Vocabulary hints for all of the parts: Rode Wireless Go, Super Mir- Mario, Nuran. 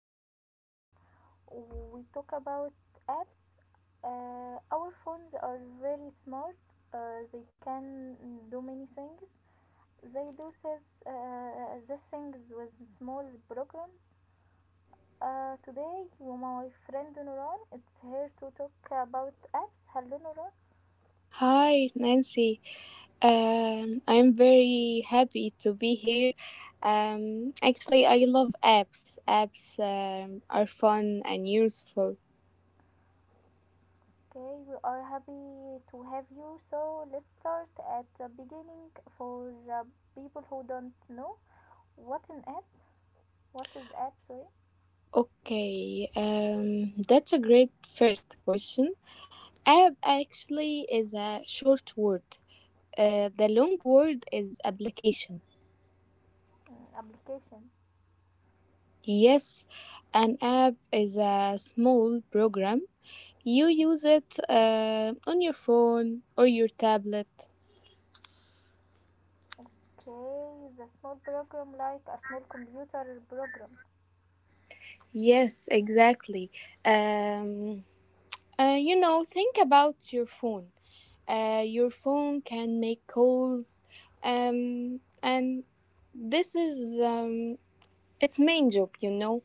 our your phone. We talk about apps. Our phones are very smart. They can do many things. They do this, these things with small programs. Today, my friend Nuran, it's here to talk about apps. Hello, Nuran. Hi, Nancy. I'm very happy to be here. I love apps. Apps are fun and useful. Okay, we are happy to have you. So let's start at the beginning for people who don't know what an app, what is app, sorry, Okay, that's a great first question. App actually is a short word. The long word is application. mm, application. Yes, an app is a small program. You use it on your phone or your tablet. Okay, the small program like a small computer program. Yes, exactly. Um, think about your phone. Your phone can make calls, and this is its main job.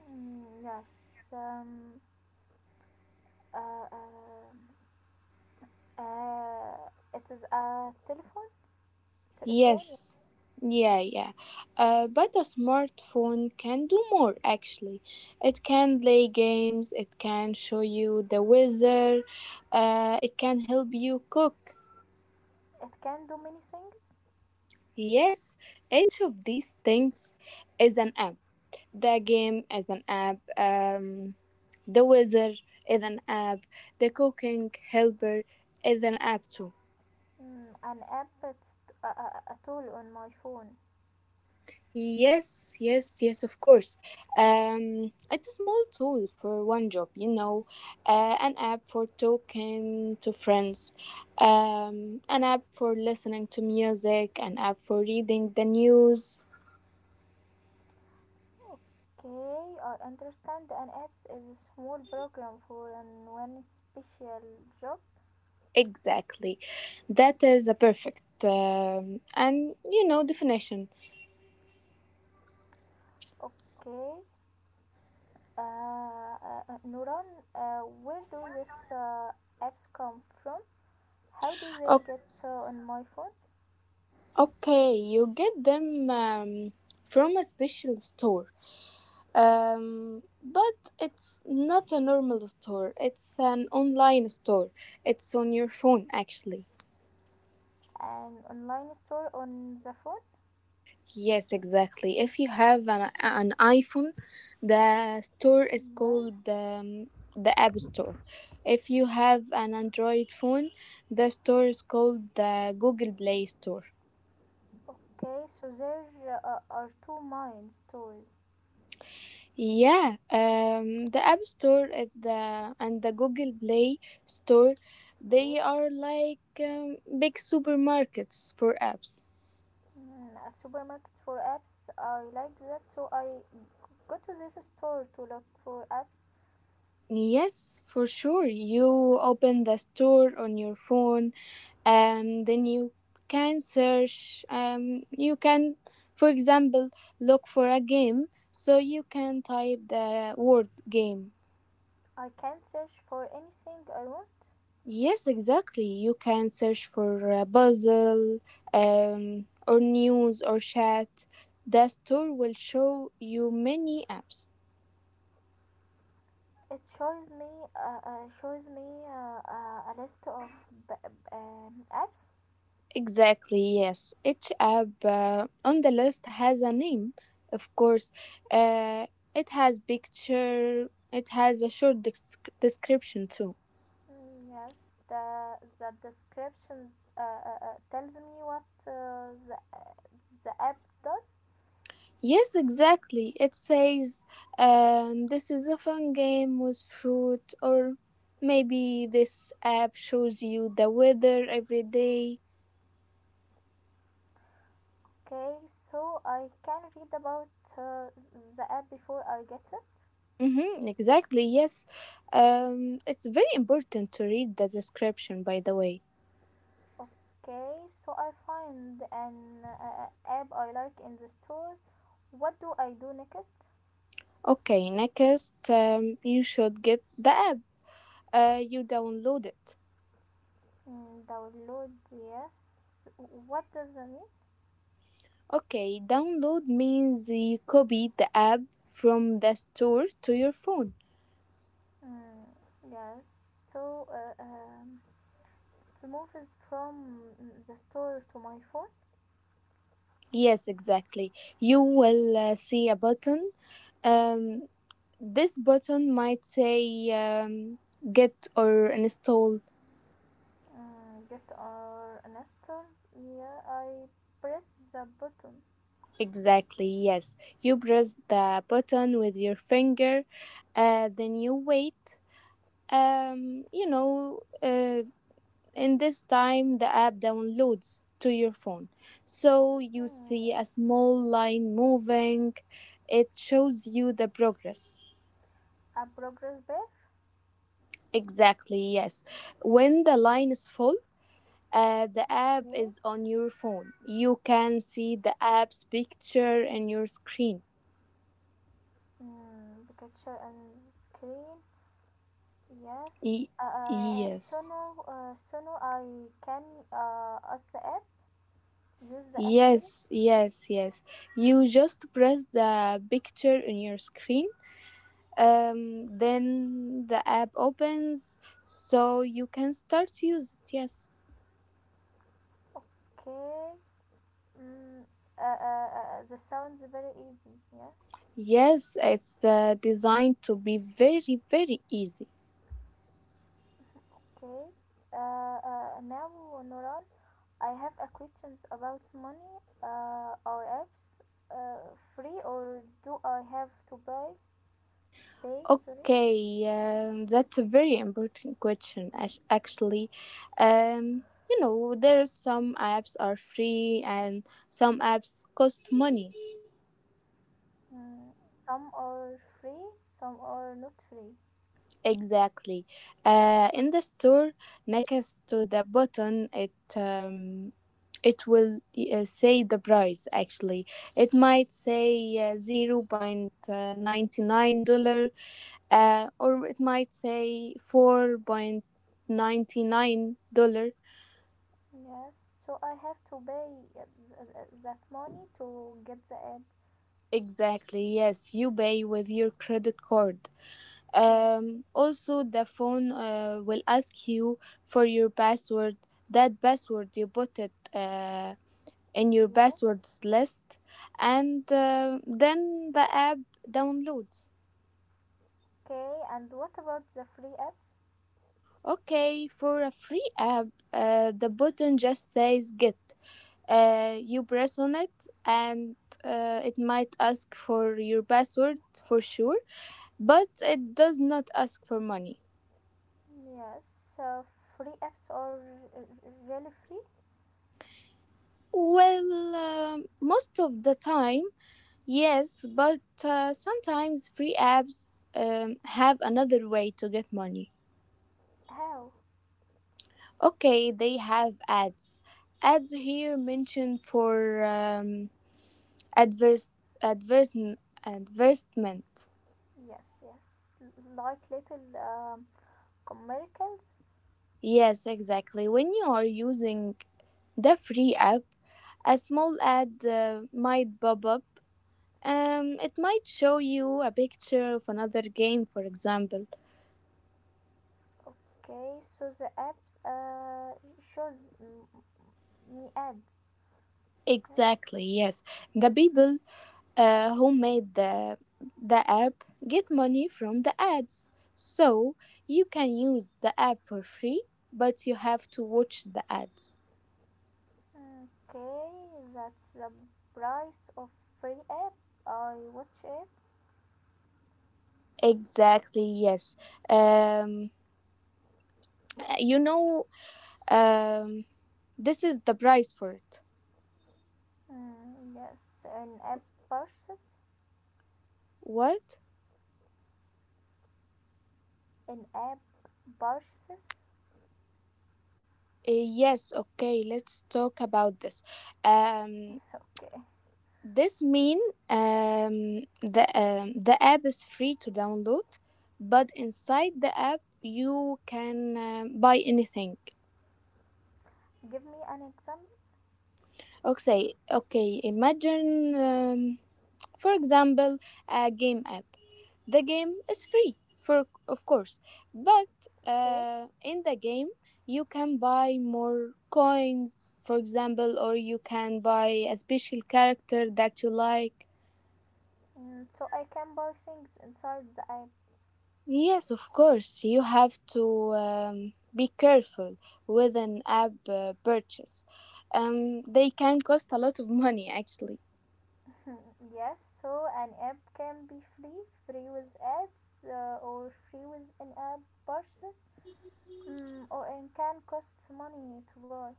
Mm, yes, um, uh, uh, uh, it is a telephone. Telephone. Yeah. Yes, yeah, yeah. But a smartphone can do more actually. It can play games, it can show you the weather, it can help you cook. It can do many things. Yes, each of these things is an app. The game is an app. The weather is an app. The cooking helper is an app too. Mm, an app. It's a, a tool on my phone. Yes, yes, yes, of course. It's a small tool for one job, an app for talking to friends, an app for listening to music, an app for reading the news. Okay, I understand an apps is a small program for an one special job. Exactly. That is a perfect and you know definition. Okay, Nuran, where do these apps come from? How do they get on my phone? Okay, you get them from a special store. But it's not a normal store, it's an online store. It's on your phone, actually. An online store on the phone? Yes, exactly. If you have an iPhone, the store is Yes. called the App Store. If you have an Android phone, the store is called the Google Play Store. Okay, so there are two main stores. Yeah, the App Store is the and the Google Play Store, Okay. they are like big supermarkets for apps. Mm, a supermarket for apps. I like that, so I go to this store to look for apps. Yes, for sure. You open the store on your phone, and then you can search. You can, for example, look for a game. So you can type the word game. I can search for anything I want. Yes, exactly. You can search for a puzzle or news or chat. The store will show you many apps. It shows me a list of apps. Exactly, yes. Each app on the list has a name, of course. Uh, it has picture, it has a short description too. Mm, yes, the descriptions tells me what the app does. Yes, exactly. It says this is a fun game with fruit, or maybe this app shows you the weather every day. Okay, so I can read about uh, the app before I get it. Mm-hmm, exactly, yes. It's very important to read the description, by the way. Okay, so I find an app I like in the store. What do I do next? Okay, next, you should get the app. You download it. Mm, download. Yes, what does that mean? Okay, download means you copy the app from the store to your phone. Mm, yes, so the movies from the store to my phone. Yes, exactly. You will see a button. Um, this button might say get or install. Mm, get our install. Yeah, I press the button. Exactly, yes. You press the button with your finger, then you wait. Um, you know, uh, in this time, the app downloads to your phone. So you Mm, see yes. a small line moving, it shows you the progress. A progress bar. Exactly, yes. When the line is full, the app Okay. is on your phone. You can see the app's picture in your screen. Mm, the picture and screen. Yes. Y- uh, uh, so yes. now uh, so now I can use the app, use the app, sorry. Yes, yes, yes. You just press the picture in your screen. Then the app opens so you can start to use it. Yes. Okay. Mm, this sounds very easy. Yes. Yes, it's designed to be very, very easy. Okay. Uh, Now, Noran, I have a questions about money or apps. Uh, Free or do I have to buy? Pay, sorry. Okay, that's a very important question, actually. Um, there are some apps are free and some apps cost money. Mm, some are free, some are not free. Exactly. In the store, next to the button, it will say the price. Actually, it might say $0.99, or it might say $4.99. Yes. So I have to pay uh, that money to get the app. Exactly, yes, you pay with your credit card. Yes. Also, the phone will ask you for your password. That password you put it in your Yes. passwords list, and then the app downloads. Okay. And what about the free apps? Okay, for a free app, the button just says get. You press on it, and it might ask for your password for sure, but it does not ask for money. Yes, uh, free apps are really free. Well, most of the time, yes, but sometimes free apps have another way to get money. How? Okay, they have ads. Ads here mentioned for adverse, adverse, advertisement. Yes, yes, like little commercials. Yes, exactly. When you are using the free app, a small ad might pop up. It might show you a picture of another game, for example. Okay, so the apps shows me ads. Yes. Exactly, yes. The people who made the app get money from the ads. So you can use the app for free, but you have to watch the ads. Okay, that's the price of free app. I watch it. Exactly, yes. Um, you know, um, this is the price for it. Mm, yes, an app purchase. What? An app purchases. Yes, okay, let's talk about this. Um, Okay, This mean the app is free to download, but inside the app you can buy anything. give me an example. Okay, okay. Imagine, for example, a game app. The game is free, for of course, but Okay. In the game you can buy more coins, for example, or you can buy a special character that you like. Mm, so I can buy things inside the app. Yes, of course. You have to be careful with an app purchase. They can cost a lot of money, actually. Yes, so an app can be free, free with ads, or free with an app purchase, mm, or it can cost money to buy.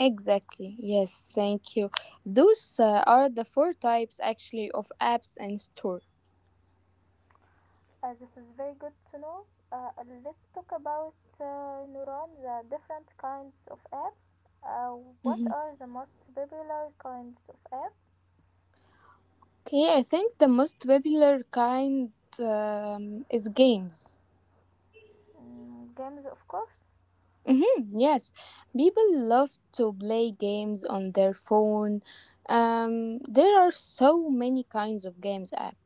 Exactly. Yes, thank you. Those are the four types, actually, of apps and store. This is very good to know. Uh, let's talk about Neuron, the different kinds of apps. Uh, what Mhm. are the most popular kinds of apps? Okay, I think the most popular kind is games. Mm, games, of course. Mm-hmm, yes, people love to play games on their phone. There are so many kinds of games app.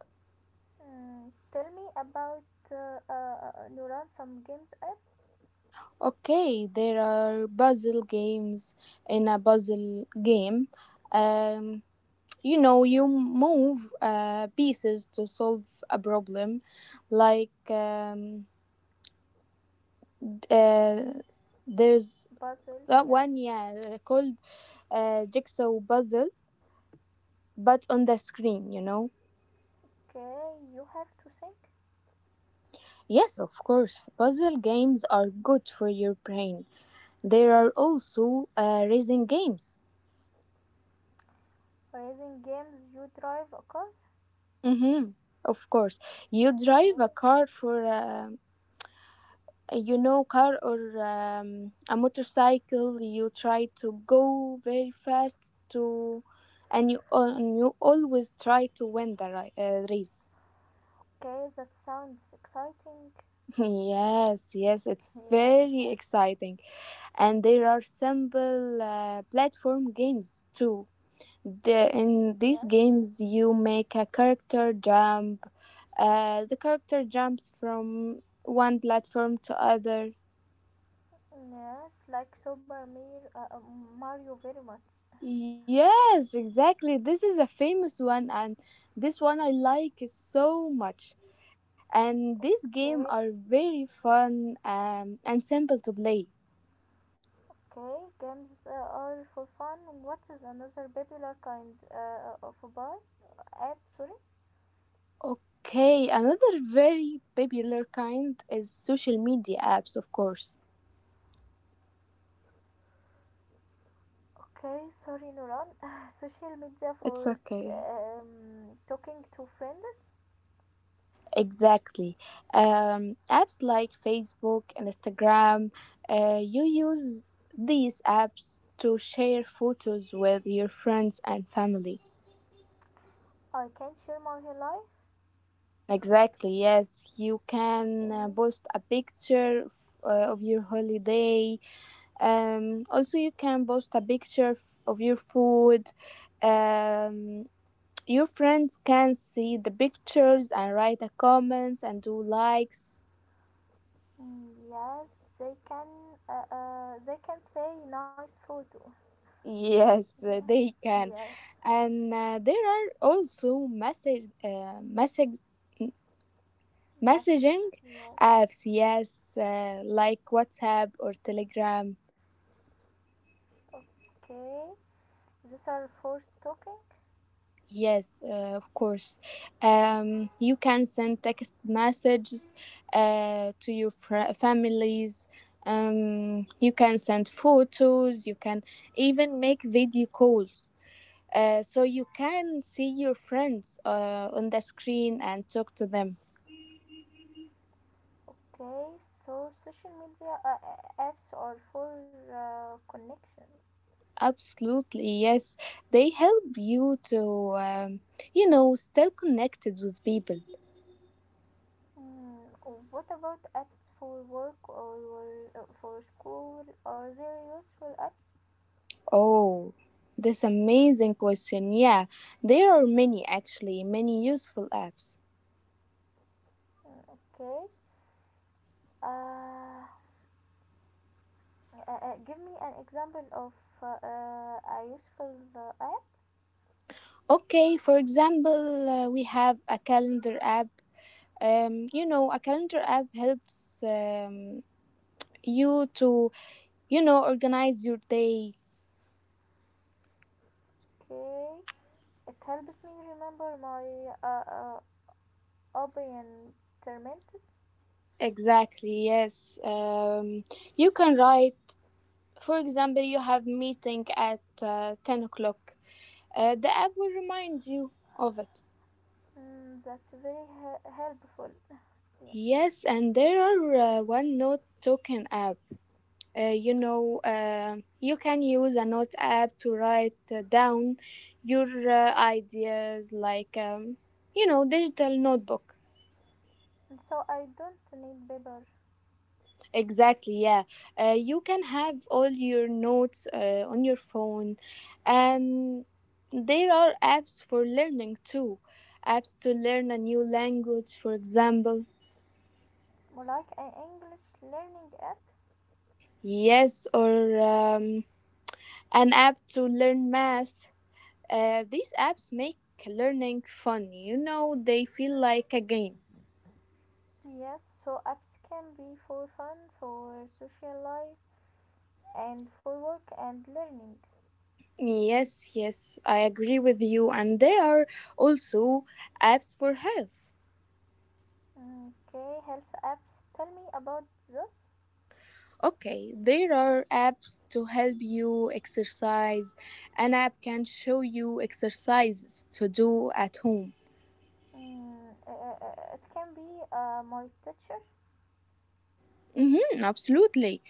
Mm, tell me about Neuron, some games apps. Okay, there are puzzle games in a puzzle game. Um, you move pieces to solve a problem. Like, d- uh, there's Puzzle, that yes. one, yeah, called Jigsaw Puzzle, but on the screen, you know? Okay, you have to think. Yes, of course. Puzzle games are good for your brain. There are also racing games. Racing games, you drive a car. Mm-hmm. Of course, you drive a Okay. car for a, you know car or a motorcycle. You try to go very fast to, and you always try to win the race. Okay, that sounds exciting. Yes, yes, it's Yeah, very exciting, and there are simple platform games too. In these yes, games, you make a character jump. The character jumps from one platform to other. yes, like Mario very much. Yes, exactly. This is a famous one, and this one I like so much. And these games are Okay, very fun and simple to play. okay, games are for fun. What is another popular kind of a bar? App, sorry. Okay, another very popular kind is social media apps, of course. Okay, sorry, Nuran. Social media It's for okay. Talking to friends. Exactly. Apps like Facebook and Instagram, you use these apps to share photos with your friends and family. I can share my life. Exactly, yes. You Okay. can post a picture of your holiday. Also, you can post a picture of your food. Um, your friends can see the pictures and write the comments and do likes. Mm, yes, they can. They can say nice photo. Yes, Yeah. They can. Yes. And there are also message, message, m- messaging Message. Yes. apps, yes, like WhatsApp or Telegram. Okay. These are for talking. Yes, of course. You can send text messages to your families. You can send photos. You can even make video calls. So you can see your friends on the screen and talk to them. Okay. So social media apps are for connection. Absolutely, yes. They help you to still connected with people. Mm, what about apps for work or for school? Are there useful apps? Oh, this amazing question. Yeah, there are many actually, many useful apps. Mm, okay. Uh, Give me an example of a useful app. Okay, for example, we have a calendar app. A calendar app helps you to, you organize your day. Okay. It helps me remember my uh, uh, opinion terminus. Exactly, yes. You can write, for example, you have meeting at 10 o'clock. The app will remind you of it. Mm, that's very helpful. Yeah. Yes, and there are one note token app. You can use a note app to write down your ideas like, digital notebook. So I don't need paper. Exactly, yeah. You can have all your notes on your phone, and there are apps for learning too. Apps to learn a new language, for example. More like an English learning app. Yes, or an app to learn math. These apps make learning fun. You know, they feel like a game. Yes, so apps can be for fun, for social life, and for work and learning. Yes, yes, I agree with you. And there are also apps for health. Hmm, okay, health apps. Tell me about those. Okay, there are apps to help you exercise. An app can show you exercises to do at home. Mm, it can be my teacher. Hmm, absolutely.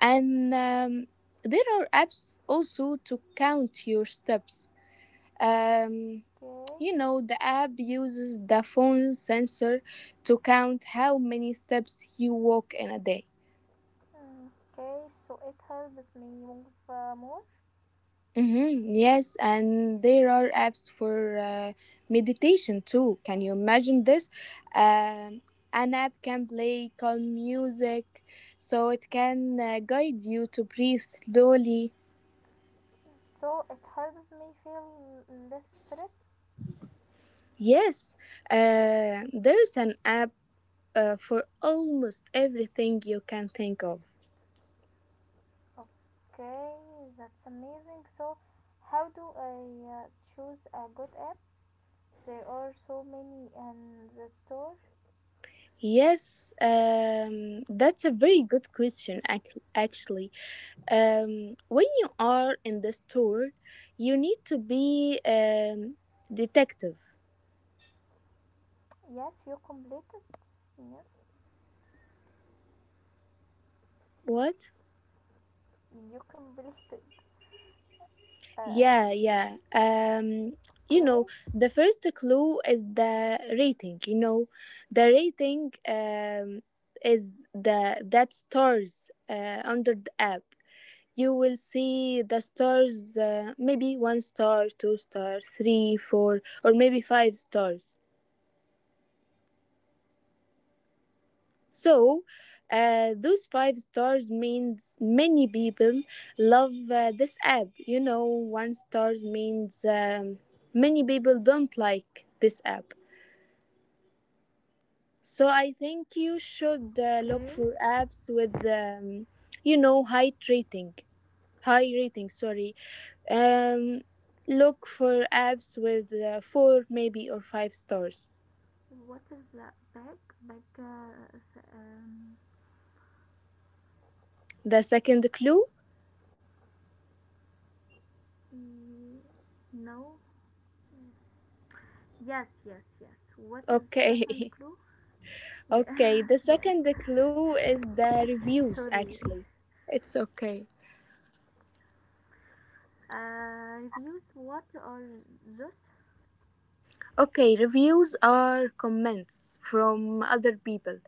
And there are apps also to count your steps. Um, Okay. The app uses the phone sensor to count how many steps you walk in a day. Mm, okay, so it helps me move more. Mm-hmm. Yes, and there are apps for meditation too. Can you imagine this? Um, an app can play calm music, so it can guide you to breathe slowly. So it helps me feel less stress. Yes, there's an app for almost everything you can think of. Okay, that's amazing. So how do I uh, choose a good app? There are so many in the store. Yes, that's a very good question, actually. When you are in the store, you need to be detective. Yes, you completed. Yes, What? you completed. Yeah, uh, yeah. You know, okay. the first clue is the rating. You know, the rating is the that stars under the app. You will see the stars, maybe one star, two star, three, four, or maybe five stars. So, those five stars means many people love this app. You know, one stars means many people don't like this app. So I think you should look for Okay, apps with, high rating, high rating. Sorry, um, look for apps with four maybe or five stars. what is that bag, bag uh, s- um The second clue, mm, no. Yes, yes, yes. What is second okay. clue? Yes, Okay, the second yes. clue is the reviews Sorry. actually. It's okay. Reviews. What are those? Okay, reviews are comments from other people.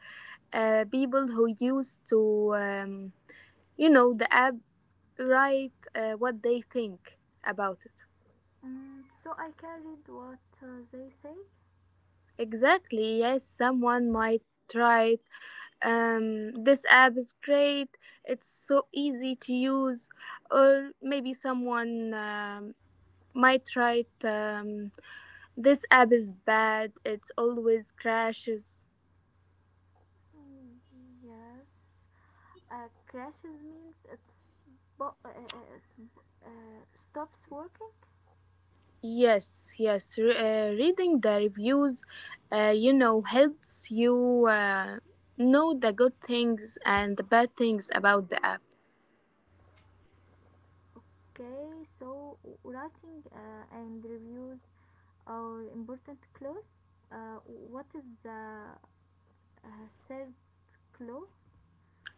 People who used the app write what they think about it. Mm, so I can read what they say. Exactly, yes, someone might write, this app is great, it's so easy to use, or maybe someone might write, this app is bad. It always crashes. Mm, yes. Crashes means it's bo- sp- stops working. Yes, yes. Reading the reviews, helps you know the good things and the bad things about the app. Okay. So writing and reviews are important clues. Uh, what is the circle?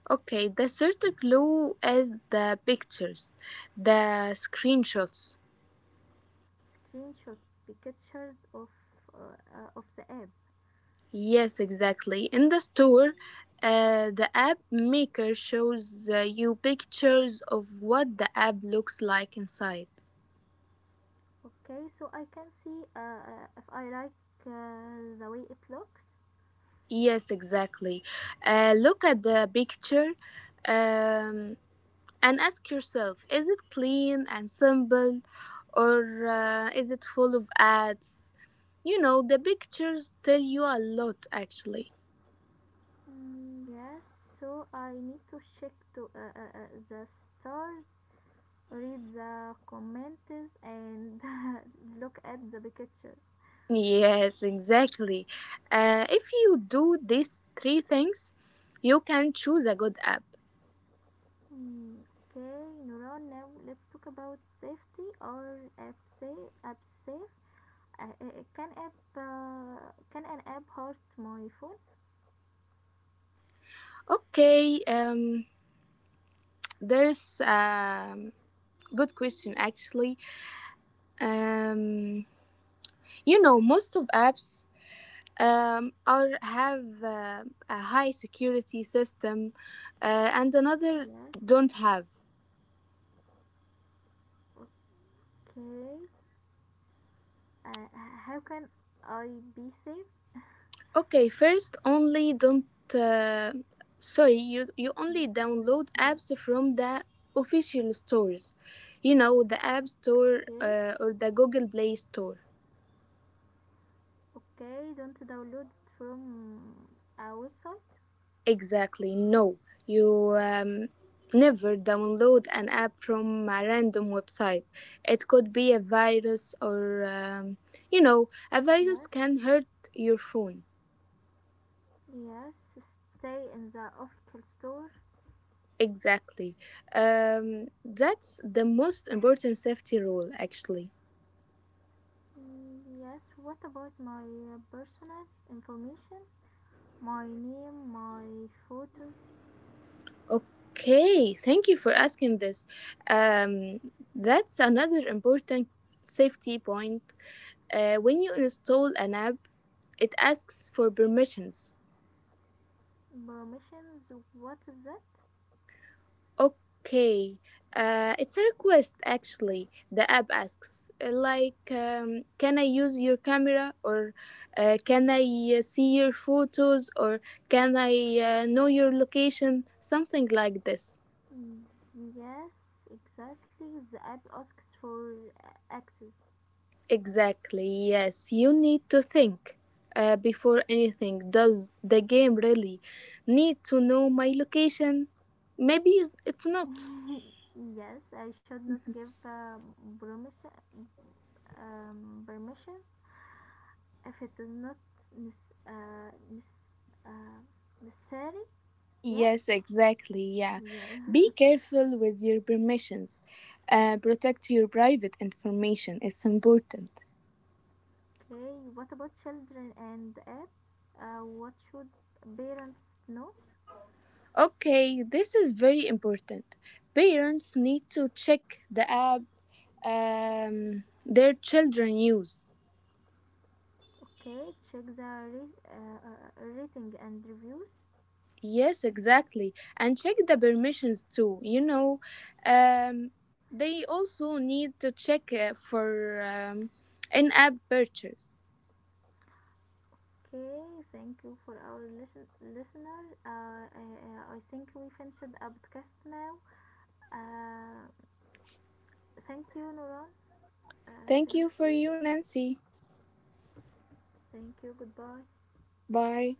Okay, the third clue is the pictures, the screenshots. Screenshots, pictures of the app. Yes, exactly. In the store, the app maker shows you pictures of what the app looks like inside. Okay, so I can see if I like the way it looks. Yes, exactly. Look at the picture um, and ask yourself, is it clean and simple or is it full of ads? You know, the pictures tell you a lot actually. Mm, yes, so I need to check to the stars, read the comments, and look at the pictures. Yes, exactly. If you do these three things, you can choose a good app. Hmm, okay, Nora, now let's talk about safety, or app safe, app safe. Can app can an app host my phone? Okay, there's a good question actually. Um, Most of apps or have a high security system, and another Yes. don't have. Okay. Uh, how can I be safe? Okay, first only don't. Uh, Sorry, you only Down- download yes. apps from the official stores, you know, the App Store Okay. Or the Google Play Store. Okay. Don't download it from a website. Exactly. No, you never download an app from a random website. It could be a virus or, a virus Yes. can hurt your phone. Yes. Stay in the official store. Exactly. That's the most important safety rule, actually. Mm, yes. What about my personal information? My name, my photos, Okay, thank you for asking this. Um, that's another important safety point. When you install an app, it asks for permissions. permissions. What is that? Okay, it's a request actually. The app asks, can I use your camera, or can I see your photos, or can I know your location? Something like this. Mm, yes, exactly. The app asks for access. Exactly, yes. You need to think before anything. Does the game really need to know my location? Maybe it's not. Yes, I should not give promise, permissions if it is not nes- uh, nes- uh, necessary. Yes, Yes, exactly. Yeah. Be yes. careful with your permissions. Protect your private information. It's important. Okay, what about children and apps? What should parents know? Okay, this is very important. Parents need to check the app their children use. Okay, check the rating and reviews. Yes, exactly. And check the permissions too. You know, um, they also need to check for in app purchase. Okay, thank you for our listener. I think we finished our podcast now. Uh, thank you, Noran. Thank Thank you for you. you, Nancy. Thank you. Goodbye. Bye.